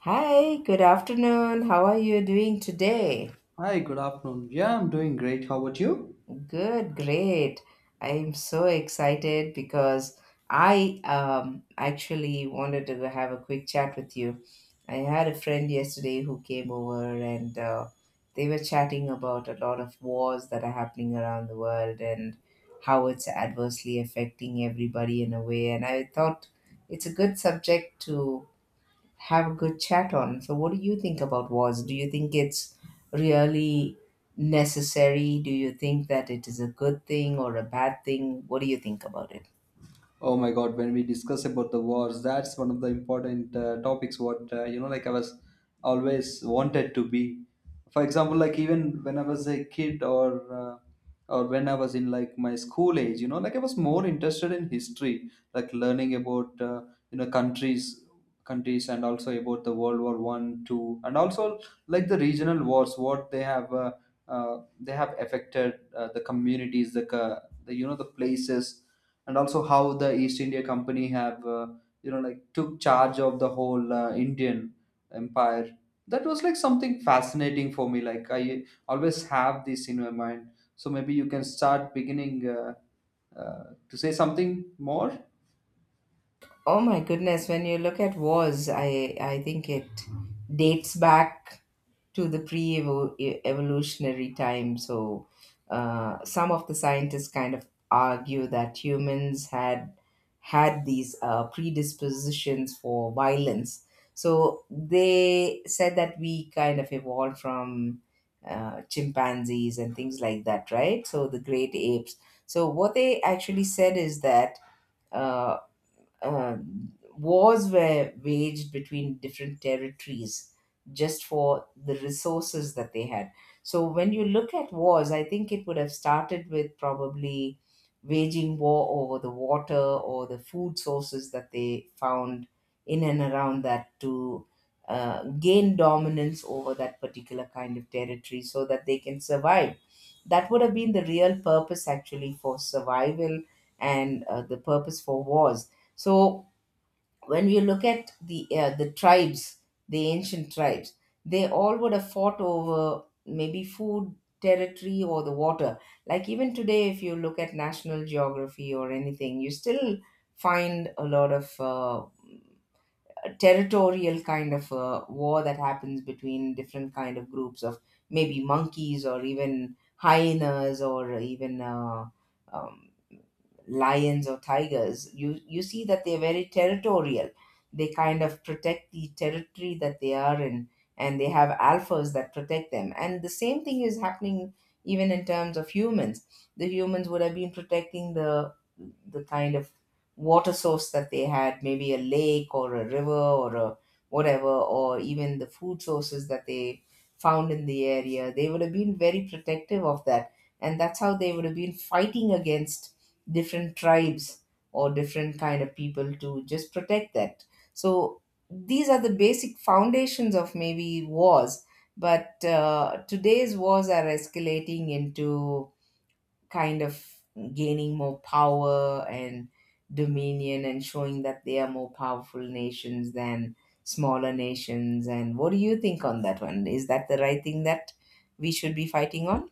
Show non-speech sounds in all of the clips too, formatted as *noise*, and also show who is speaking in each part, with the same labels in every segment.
Speaker 1: Hi, good afternoon. How are you doing today?
Speaker 2: Hi, good afternoon. Yeah, I'm doing great. How about you?
Speaker 1: Good, great. I'm so excited because I actually wanted to have a quick chat with you. I had a friend yesterday who came over and they were chatting about a lot of wars that are happening around the world and how it's adversely affecting everybody in a way. And I thought it's a good subject to have a good chat on. So, what do you think about wars? Do you think it's really necessary? Do you think that it is a good thing or a bad thing? What do you think about it?
Speaker 2: Oh my God, when we discuss about the wars, that's one of the important topics. What like I was always wanted to be. For example, like even when I was a kid, or uh, or when I was in like my school age, like I was more interested in history, like learning about countries, and also about the World War One, two, and also like the regional wars, what they have. They have affected the communities, the, co- the you know the places, and also how the East India Company have like took charge of the whole Indian empire. That was like something fascinating for me. Like I always have this in my mind. So maybe you can start beginning to say something more.
Speaker 1: Oh my goodness, when you look at wars, I think it dates back to the pre-evolutionary time. So some of the scientists kind of argue that humans had these predispositions for violence. So they said that we kind of evolved from chimpanzees and things like that, right? So the great apes. So what they actually said is that uh, um, wars were waged between different territories just for the resources that they had. So when you look at wars, I think it would have started with probably waging war over the water or the food sources that they found in and around that to gain dominance over that particular kind of territory so that they can survive. That would have been the real purpose actually for survival and the purpose for wars. So when you look at the tribes, the ancient tribes, they all would have fought over maybe food, territory, or the water. Like even today, if you look at National Geography or anything, you still find a lot of a territorial kind of war that happens between different kind of groups of maybe monkeys or even hyenas or even um, lions or tigers. You see that they're very territorial. They kind of protect the territory that they are in, and they have alphas that protect them, and the same thing is happening even in terms of humans. The humans would have been protecting the kind of water source that they had, maybe a lake or a river or a whatever, or even the food sources that they found in the area. They would have been very protective of that, and that's how they would have been fighting against different tribes or different kind of people to just protect that. So these are the basic foundations of maybe wars, but today's wars are escalating into kind of gaining more power and dominion and showing that they are more powerful nations than smaller nations. And what do you think on that one? Is that the right thing that we should be fighting on?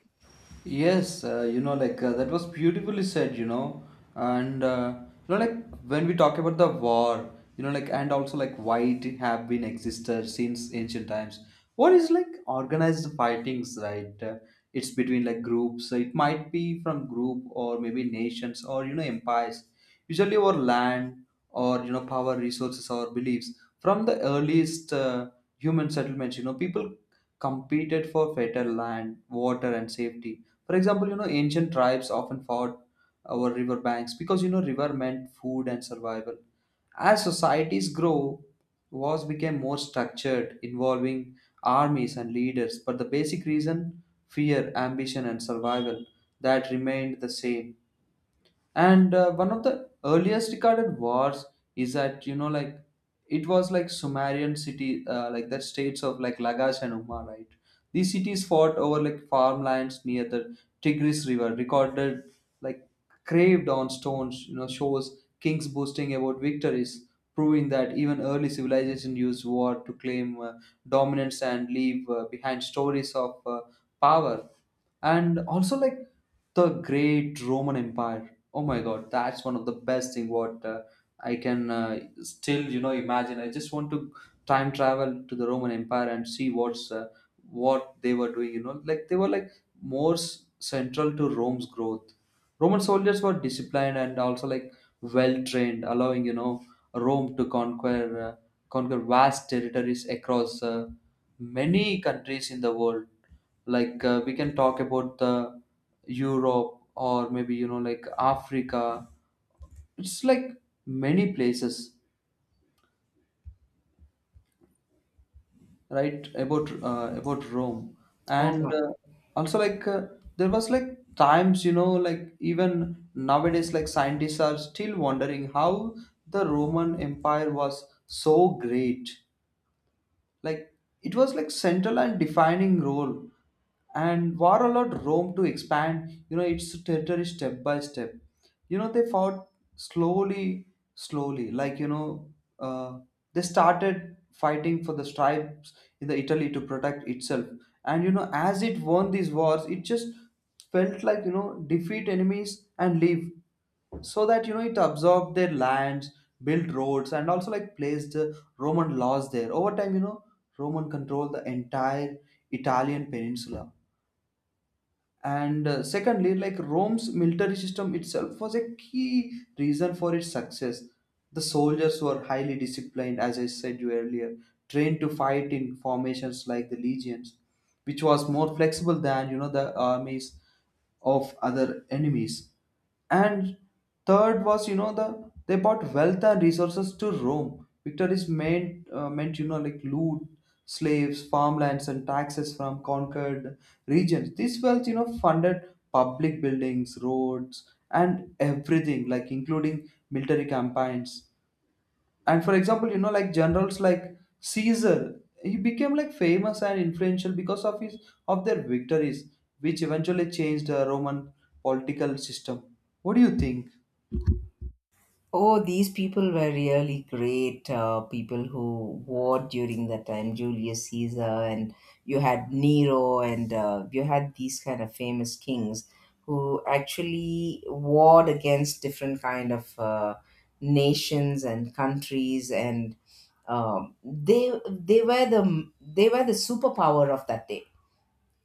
Speaker 2: Yes, like that was beautifully said, and like when we talk about the war, like and also like why it have been existed since ancient times. War is like organized fightings, right? It's between like groups. So it might be from group or maybe nations or empires. Usually over land or power, resources or beliefs. From the earliest human settlements, people competed for fertile land, water, and safety. For example, ancient tribes often fought over river banks because river meant food and survival. As societies grow, wars became more structured, involving armies and leaders, but the basic reason, fear, ambition, and survival, that remained the same. And one of the earliest recorded wars is that like it was like Sumerian city, like the states of like Lagash and Umma, right? These cities fought over like farmlands near the Tigris river, recorded like craved on stones, shows kings boasting about victories, proving that even early civilization used war to claim dominance and leave behind stories of power. And also like the great Roman Empire. Oh my God, that's one of the best thing what I can still imagine. I just want to time travel to the Roman Empire and see what they were doing. Like they were like more central to Rome's growth. Roman soldiers were disciplined and also like well trained, allowing Rome to conquer vast territories across many countries in the world. Like we can talk about the Europe or maybe like Africa. It's like many places, right. About Rome.
Speaker 1: Oh
Speaker 2: And
Speaker 1: my
Speaker 2: also like there was like times, like even nowadays like scientists are still wondering how the Roman Empire was so great, like it was like central and defining role. And war allowed Rome to expand, its territory step by step. They fought slowly, slowly. Like, uh, they started fighting for the stripes in the Italy to protect itself. And, as it won these wars, it just felt like, defeat enemies and leave so that it absorbed their lands, built roads, and also like placed Roman laws there. Over time, Roman controlled the entire Italian peninsula. And secondly, like Rome's military system itself was a key reason for its success. The soldiers were highly disciplined, as I said you earlier, trained to fight in formations like the legions, which was more flexible than the armies of other enemies. And third was, they brought wealth and resources to Rome. Victories meant like loot, slaves, farmlands, and taxes from conquered regions. This wealth, funded public buildings, roads, and everything, like including military campaigns. And for example, like generals like Caesar, he became like famous and influential because of his of their victories, which eventually changed the Roman political system. What do you think?
Speaker 1: Oh, these people were really great people who war during that time. Julius Caesar, and you had Nero, and you had these kind of famous kings who actually warred against different kind of nations and countries, and they were the superpower of that day.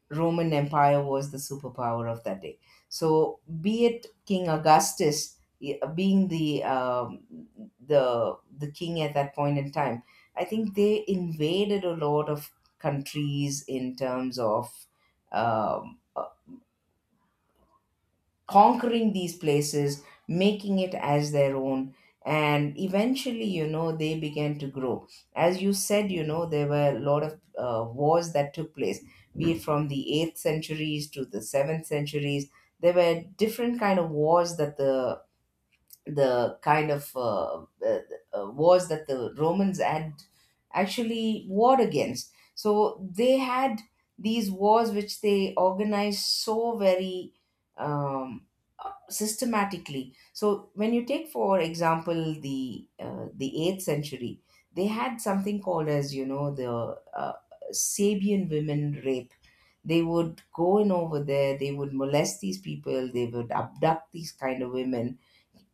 Speaker 1: Roman Empire was the superpower of that day. So, be it King Augustus being the king at that point in time, I think they invaded a lot of countries in terms of. Um, Conquering these places, making it as their own. And eventually, you know, they began to grow. As you said, you know, there were a lot of wars that took place, be it from the 8th centuries to the 7th centuries. There were different kind of wars that the kind of wars that the Romans had actually warred against. So they had these wars which they organized so very um, systematically. So when you take, for example, the 8th century, they had something called as, you know, the Sabian women rape. They would go in over there. They would molest these people. They would abduct these kind of women,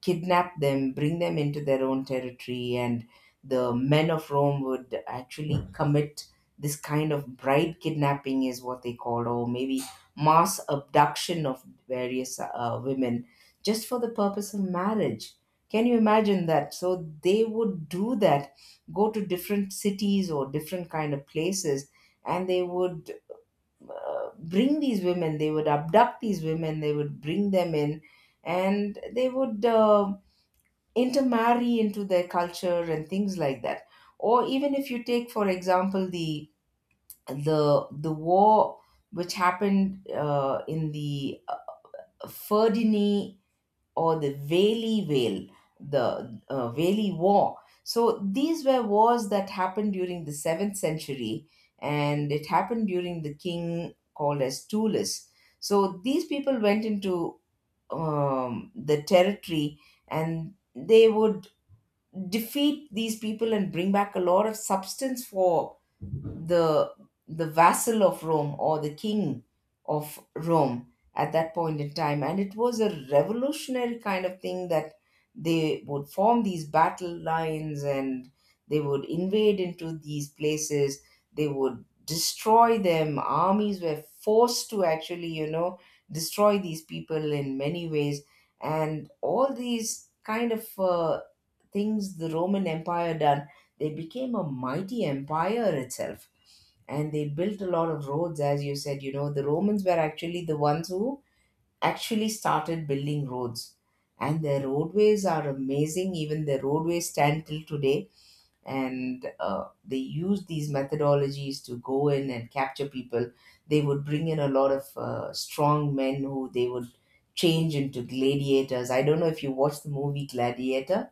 Speaker 1: kidnap them, bring them into their own territory, and the men of Rome would actually commit this kind of bride kidnapping, is what they called, or maybe mass abduction of various women just for the purpose of marriage. Can you imagine that? So they would do that, go to different cities or different kind of places, and they would bring these women. They would abduct these women. They would bring them in, and they would intermarry into their culture and things like that. Or even if you take, for example, the the war which happened in the Ferdinand or the Valley Vale, the Valley War. So these were wars that happened during the 7th century, and it happened during the king called as Tullus. So these people went into the territory, and they would defeat these people and bring back a lot of substance for the the vassal of Rome or the king of Rome at that point in time. And it was a revolutionary kind of thing that they would form these battle lines and they would invade into these places. They would destroy them. Armies were forced to actually, you know, destroy these people in many ways. And all these kind of things the Roman Empire done, they became a mighty empire itself. And they built a lot of roads. As you said, you know, the Romans were actually the ones who actually started building roads, and their roadways are amazing. Even their roadways stand till today. And they use these methodologies to go in and capture people. They would bring in a lot of strong men who they would change into gladiators. I don't know if you watched the movie Gladiator.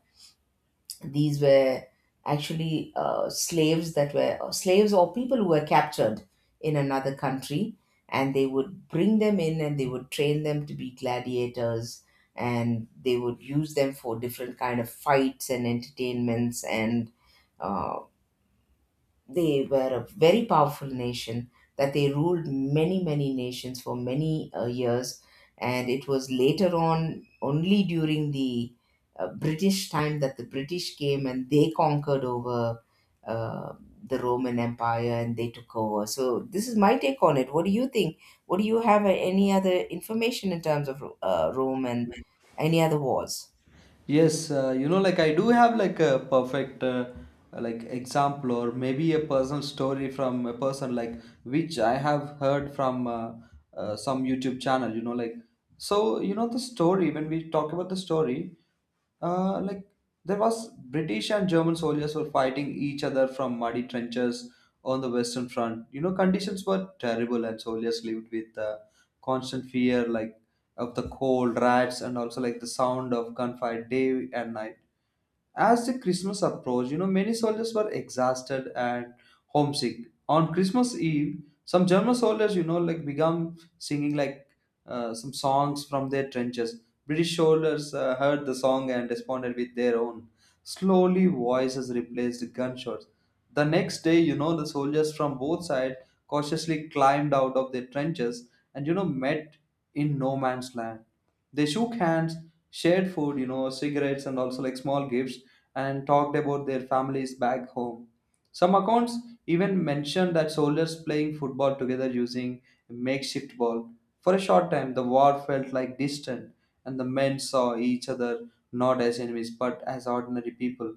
Speaker 1: These were actually slaves that were, or slaves or people who were captured in another country, and they would bring them in and they would train them to be gladiators, and they would use them for different kind of fights and entertainments and uh, they were a very powerful nation that they ruled many many nations for many years. And it was later on only during the British time that the British came and they conquered over uh, the Roman Empire, and they took over. So this is my take on it. What do you think? What do you have? Any other information in terms of Rome and any other wars?
Speaker 2: Yes, like I do have like a perfect like example or maybe a personal story from a person, like which I have heard from some YouTube channel, like. So you know the story. When we talk about the story, like there was British and German soldiers were fighting each other from muddy trenches on the Western Front. You know, conditions were terrible, and soldiers lived with constant fear, like of the cold, rats, and also like the sound of gunfire day and night. As the Christmas approached, many soldiers were exhausted and homesick. On Christmas Eve, some German soldiers, like began singing like some songs from their trenches. British soldiers heard the song and responded with their own. Slowly, voices replaced gunshots. The next day, the soldiers from both sides cautiously climbed out of their trenches and, met in no man's land. They shook hands, shared food, cigarettes, and also like small gifts, and talked about their families back home. Some accounts even mention that soldiers playing football together using a makeshift ball. For a short time, the war felt like distant, and the men saw each other not as enemies but as ordinary people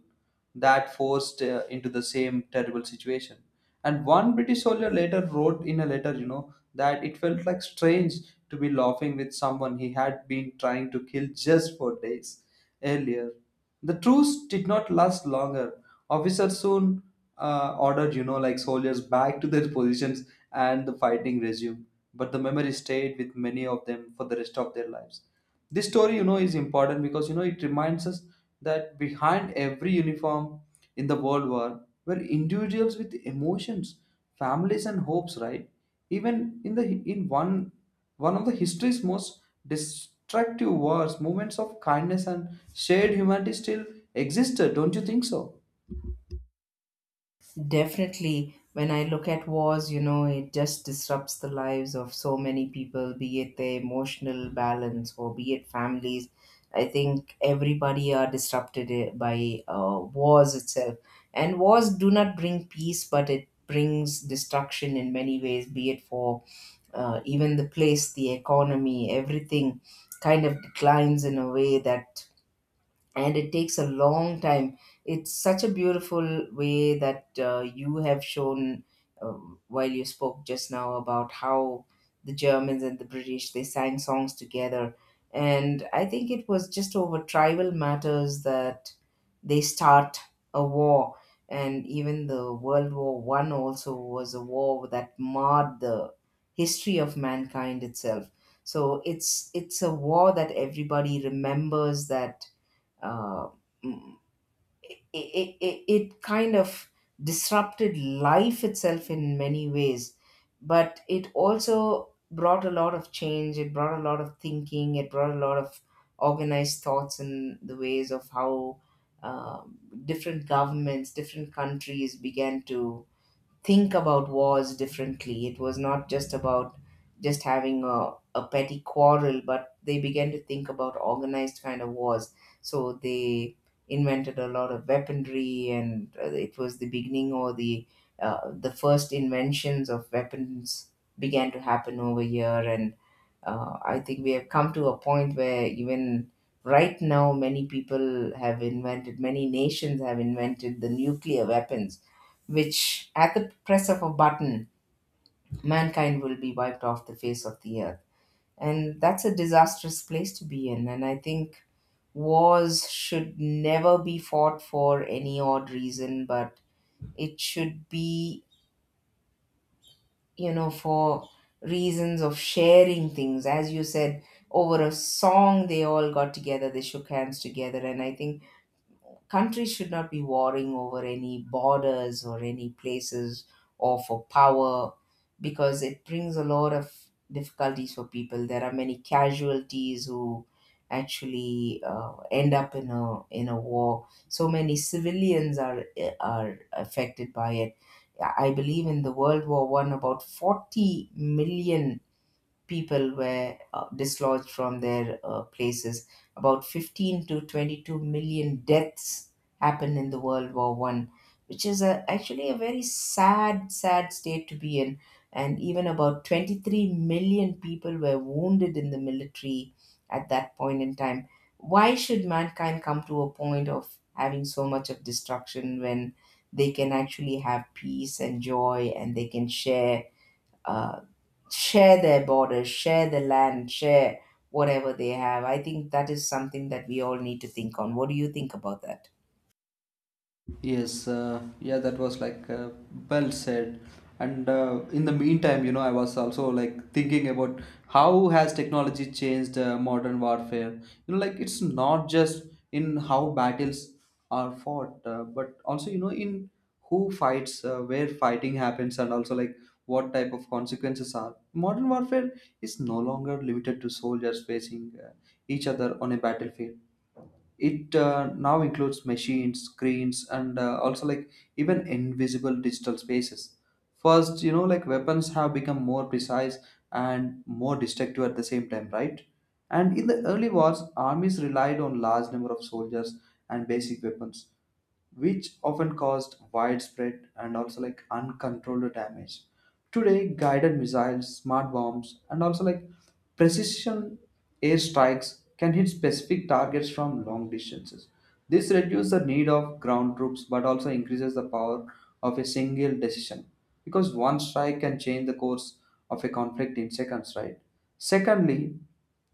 Speaker 2: that forced into the same terrible situation. And one British soldier later wrote in a letter, that it felt like strange to be laughing with someone he had been trying to kill just for days earlier. The truce did not last longer. Officers soon ordered, like soldiers back to their positions, and the fighting resumed. But the memory stayed with many of them for the rest of their lives. This story, is important because, it reminds us that behind every uniform in the World War were individuals with emotions, families, and hopes, right? Even in one of the history's most destructive wars, moments of kindness and shared humanity still existed, don't you think so?
Speaker 1: Definitely, when I look at wars, you know, it just disrupts the lives of so many people, be it their emotional balance or be it families. I think everybody are disrupted by wars itself. And wars do not bring peace, but it brings destruction in many ways, be it for even the place, the economy, everything kind of declines in a way that, and it takes a long time. It's such a beautiful way that you have shown while you spoke just now about how the Germans and the British they sang songs together, and I think it was just over tribal matters that they start a war. And even the World War I also was a war that marred the history of mankind itself. So it's a war that everybody remembers that uh, mm, it kind of disrupted life itself in many ways. But it also brought a lot of change. It brought a lot of thinking. It brought a lot of organized thoughts in the ways of how uh, different governments, different countries began to think about wars differently. It was not just about just having a petty quarrel, but they began to think about organized kind of wars. So they invented a lot of weaponry, and it was the beginning or the first inventions of weapons began to happen over here. And I think we have come to a point where even right now, many people have invented, many nations have invented the nuclear weapons, which at the press of a button, mankind will be wiped off the face of the earth. And that's a disastrous place to be in. And I think wars should never be fought for any odd reason, but it should be, you know, for reasons of sharing things. As you said, over a song, they all got together, they shook hands together. And I think countries should not be warring over any borders or any places or for power, because it brings a lot of difficulties for people. There are many casualties who actually end up in a war. So many civilians are affected by it. I believe in the World War I, about 40 million people were dislodged from their places. About 15 to 22 million deaths happened in the World War One, which is a, actually a very sad, sad state to be in. And even about 23 million people were wounded in the military at that point in time. Why should mankind come to a point of having so much of destruction when they can actually have peace and joy and they can share uh, share their borders, share the land, share whatever they have. I think that is something that we all need to think on. What do you think about that?
Speaker 2: Yes, yeah, that was like well said. And in the meantime, I was also like thinking about how has technology changed modern warfare. Like it's not just in how battles are fought, but also in who fights, where fighting happens, and also like what type of consequences are. Modern warfare is no longer limited to soldiers facing each other on a battlefield. It now includes machines, screens, and also like even invisible digital spaces. First, like weapons have become more precise and more destructive at the same time, right? And in the early wars, armies relied on large number of soldiers and basic weapons, which often caused widespread and also like uncontrolled damage. Today, guided missiles, smart bombs, and also like precision airstrikes can hit specific targets from long distances. This reduces the need of ground troops but also increases the power of a single decision because one strike can change the course of a conflict in seconds, right? Secondly,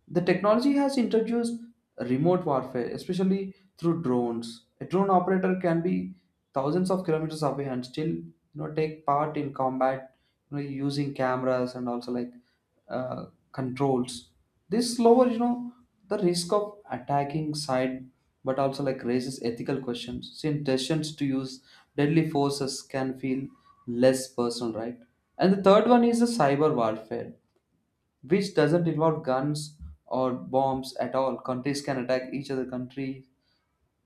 Speaker 2: the technology has introduced remote warfare, especially through drones. A drone operator can be thousands of kilometers away and still, take part in combat, using cameras and also like uh, controls. This lowers, the risk of attacking side, but also like raises ethical questions since decisions to use deadly forces can feel less personal, right? And the third one is the cyber warfare, which doesn't involve guns or bombs at all. Countries can attack each other country,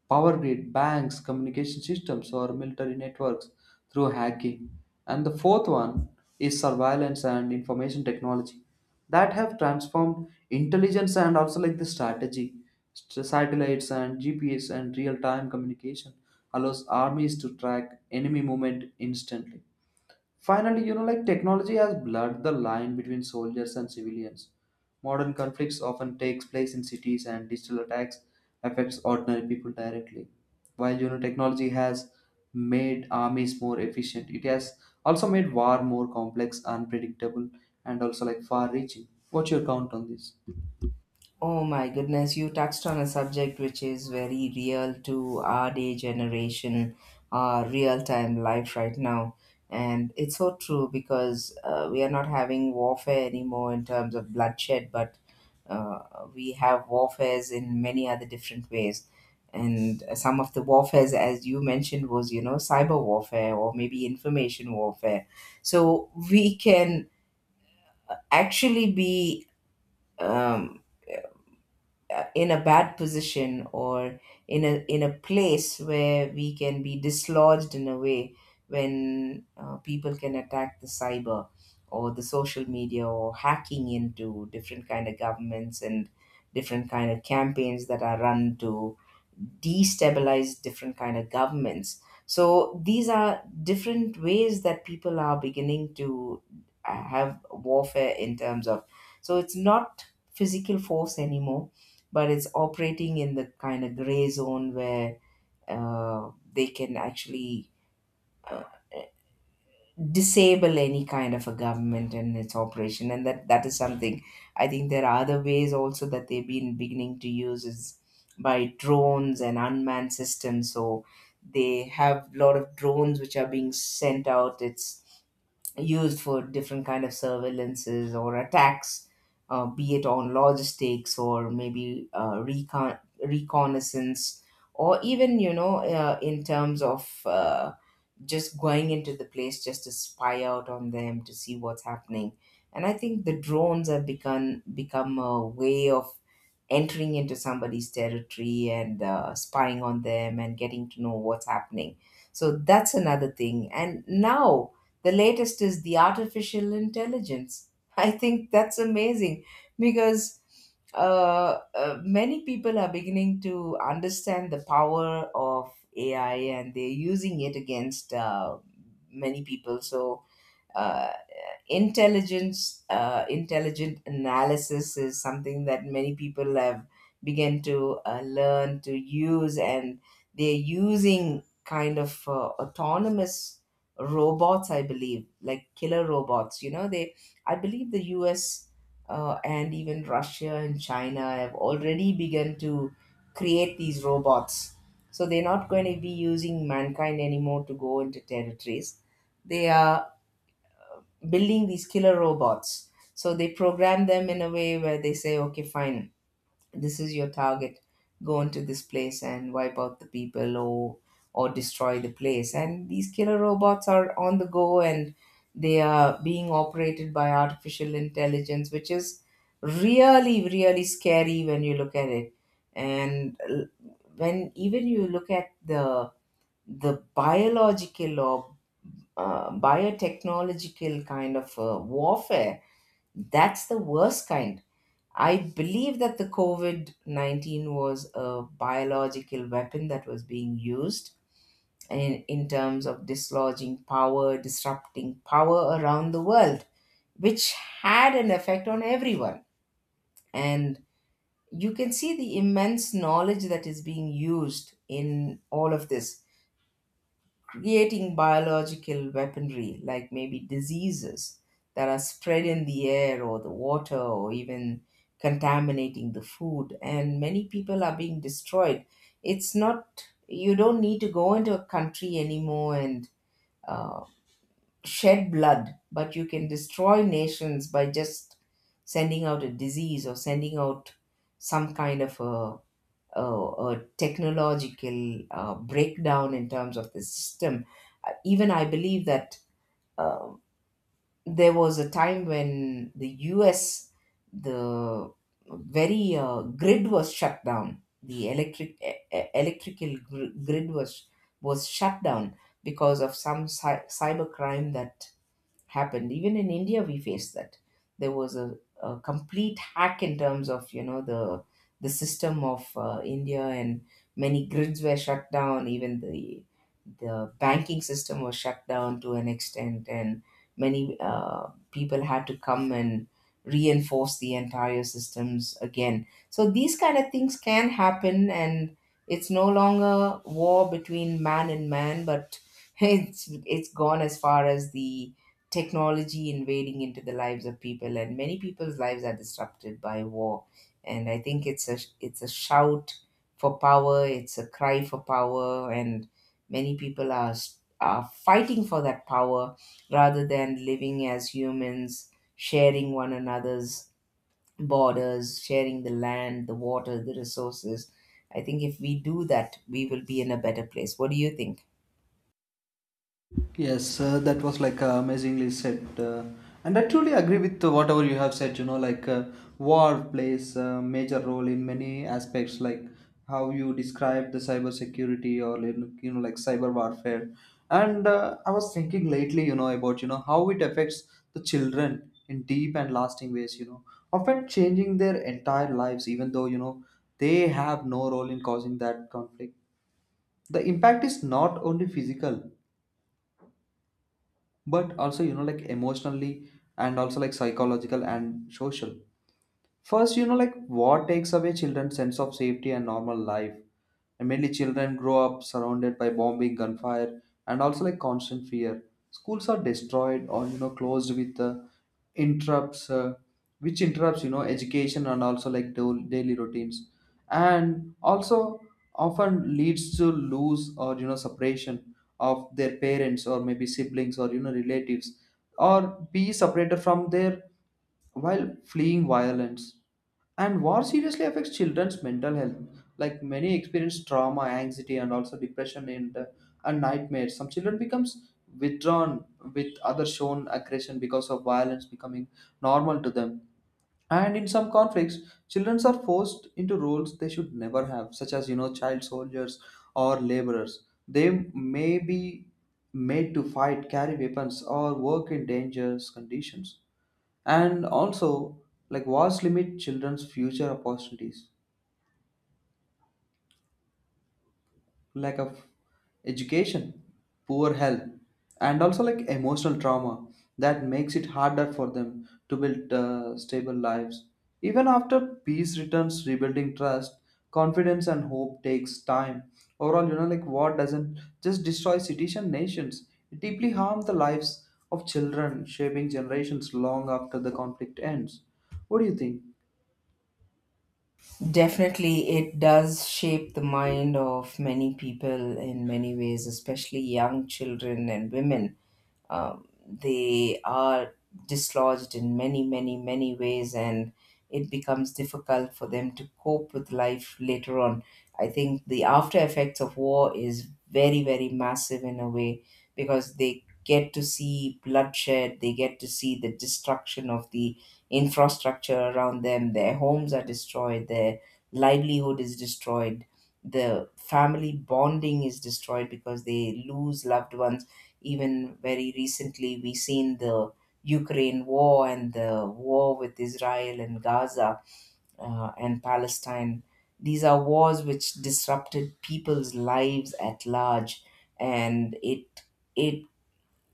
Speaker 2: power grid, banks, communication systems, or military networks through hacking. And the fourth one is surveillance and information technology that have transformed intelligence and also like the strategy. Satellites and GPS and real-time communication allows armies to track enemy movement instantly. Finally, like technology has blurred the line between soldiers and civilians. Modern conflicts often takes place in cities, and digital attacks affects ordinary people directly. While technology has made armies more efficient, it has also made war more complex, unpredictable, and also like far reaching. What's your count on this?
Speaker 1: Oh my goodness, you touched on a subject which is very real to our day generation, our real time life right now. And it's so true because we are not having warfare anymore in terms of bloodshed, but uh, we have warfares in many other different ways. And some of the warfares, as you mentioned, was, you know, cyber warfare or maybe information warfare. So we can actually be. Um, in a bad position or in a place where we can be dislodged in a way when people can attack the cyber or the social media or hacking into different kind of governments and different kind of campaigns that are run to destabilize different kind of governments. So these are different ways that people are beginning to have warfare in terms of, so it's not physical force anymore, but it's operating in the kind of gray zone where they can actually disable any kind of a government and its operation. And that is something. I think there are other ways also that they've been beginning to use is by drones and unmanned systems. So they have a lot of drones which are being sent out. It's used for different kind of surveillances or attacks, be it on logistics or maybe reconnaissance, or even you know in terms of just going into the place just to spy out on them to see what's happening. And I think the drones have become a way of entering into somebody's territory and spying on them and getting to know what's happening. So that's another thing. And now the latest is the artificial intelligence. *laughs* I think that's amazing because many people are beginning to understand the power of AI, and they're using it against many people. So, uh, intelligence intelligent analysis is something that many people have begun to learn to use. And they're using kind of autonomous robots, I believe, like killer robots, you know. They, I believe the US and even Russia and China have already begun to create these robots. So they're not going to be using mankind anymore to go into territories. They are building these killer robots. So they program them in a way where they say, okay, fine, this is your target. Go into this place and wipe out the people or destroy the place. And these killer robots are on the go, and they are being operated by artificial intelligence, which is really, really scary when you look at it. And l- when even you look at the biological or biotechnological kind of warfare, that's the worst kind. I believe that the COVID 19 was a biological weapon that was being used in terms of dislodging power, disrupting power around the world, which had an effect on everyone. And you can see the immense knowledge that is being used in all of this creating biological weaponry, like maybe diseases that are spread in the air or the water or even contaminating the food. And many people are being destroyed. It's not, you don't need to go into a country anymore and uh, shed blood, but you can destroy nations by just sending out a disease or sending out some kind of uh, a technological breakdown in terms of the system. Even I believe that uh, there was a time when the US, the very grid was shut down. The electrical grid was shut down because of some cyber crime that happened. Even in India, we faced that. There was a complete hack in terms of you know the system of India, and many grids were shut down. Even the banking system was shut down to an extent, and many people had to come and reinforce the entire systems again. So these kind of things can happen, and it's no longer war between man and man, but *laughs* it's gone as far as the technology invading into the lives of people, and many people's lives are disrupted by war. And I think it's a, it's a shout for power, it's a cry for power, and many people are fighting for that power rather than living as humans sharing one another's borders, sharing the land, the water, the resources. I think if we do that, we will be in a better place. What do you think?
Speaker 2: Yes, that was like amazingly said, and I truly agree with whatever you have said. You know, like war plays a major role in many aspects, like how you described the cyber security, or like, like cyber warfare. And I was thinking lately, about how it affects the children in deep and lasting ways. Often changing their entire lives, even though they have no role in causing that conflict. The impact is not only physical but also like emotionally, and also like psychological and social. First, like war takes away children's sense of safety and normal life, and mainly children grow up surrounded by bombing, gunfire, and also like constant fear. Schools are destroyed or closed with interrupts, uh, which interrupts education and also like daily routines, and also often leads to lose or separation of their parents or maybe siblings or relatives, or be separated from their while fleeing violence. And war seriously affects children's mental health. Like many experience trauma, anxiety, and also depression, and nightmares. Some children becomes withdrawn with other shown aggression because of violence becoming normal to them. And in some conflicts, children are forced into roles they should never have, such as child soldiers or laborers. They may be made to fight, carry weapons, or work in dangerous conditions, and also like wars limit children's future opportunities: lack of education, poor health, and also like emotional trauma that makes it harder for them to build stable lives. Even after peace returns, rebuilding trust, confidence, and hope takes time. Overall, like war doesn't just destroy cities and nations, it deeply harms the lives of children, shaping generations long after the conflict ends. What do you think?
Speaker 1: Definitely, it does shape the mind of many people in many ways, especially young children and women. They are dislodged in many, many, many ways, and it becomes difficult for them to cope with life later on. I think the after effects of war is very, very massive in a way, because they get to see bloodshed, they get to see the destruction of the infrastructure around them. Their homes are destroyed, their livelihood is destroyed, the family bonding is destroyed because they lose loved ones. Even very recently, we seen the Ukraine war and the war with Israel and Gaza and Palestine. These are wars which disrupted people's lives at large, and it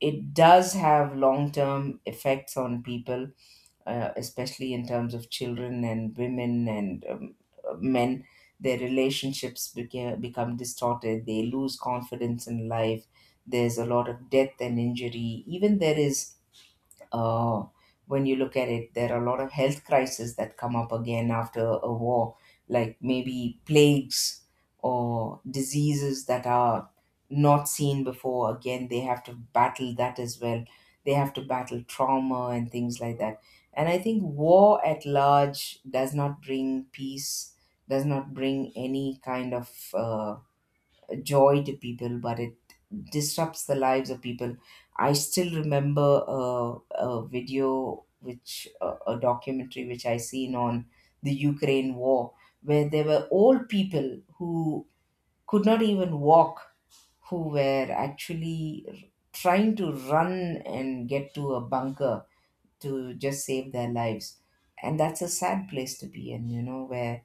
Speaker 1: it does have long term effects on people, especially in terms of children and women and men. Their relationships become distorted. They lose confidence in life. There's a lot of death and injury. Even there is uh, when you look at it, there are a lot of health crises that come up again after a war, like maybe plagues or diseases that are not seen before. Again, they have to battle that as well. They have to battle trauma and things like that. And I think war at large does not bring peace, does not bring any kind of joy to people, but it disrupts the lives of people. I still remember a video, which a documentary which I seen on the Ukraine war, where there were old people who could not even walk, who were actually trying to run and get to a bunker to just save their lives. And that's a sad place to be in, you know, where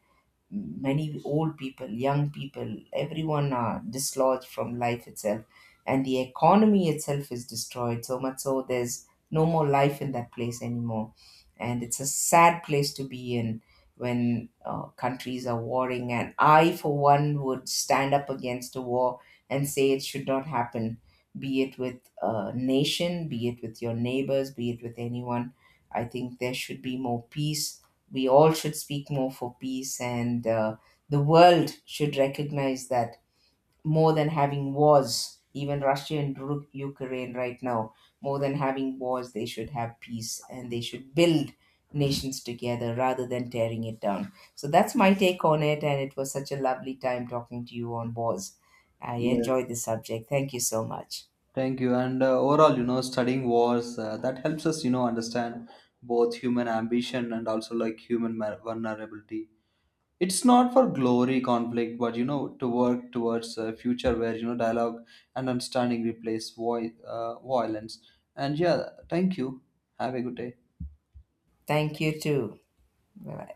Speaker 1: many old people, young people, everyone are dislodged from life itself, and the economy itself is destroyed so much so there's no more life in that place anymore, and it's a sad place to be in when countries are warring. And I, for one, would stand up against a war and say it should not happen. Be it with a nation, be it with your neighbors, be it with anyone. I think there should be more peace, we all should speak more for peace, and the world should recognize that more than having wars, even Russia and Ukraine right now, more than having wars, they should have peace and they should build nations together rather than tearing it down. So that's my take on it, and it was such a lovely time talking to you on wars. I enjoyed
Speaker 2: Yes.
Speaker 1: the subject. Thank you so much.
Speaker 2: Thank you. And overall, studying wars, that helps us, understand both human ambition and also like human vulnerability. It's not for glory conflict, but to work towards a future where dialogue and understanding replace violence. And yeah, thank you. Have a good day.
Speaker 1: Thank you too. Bye.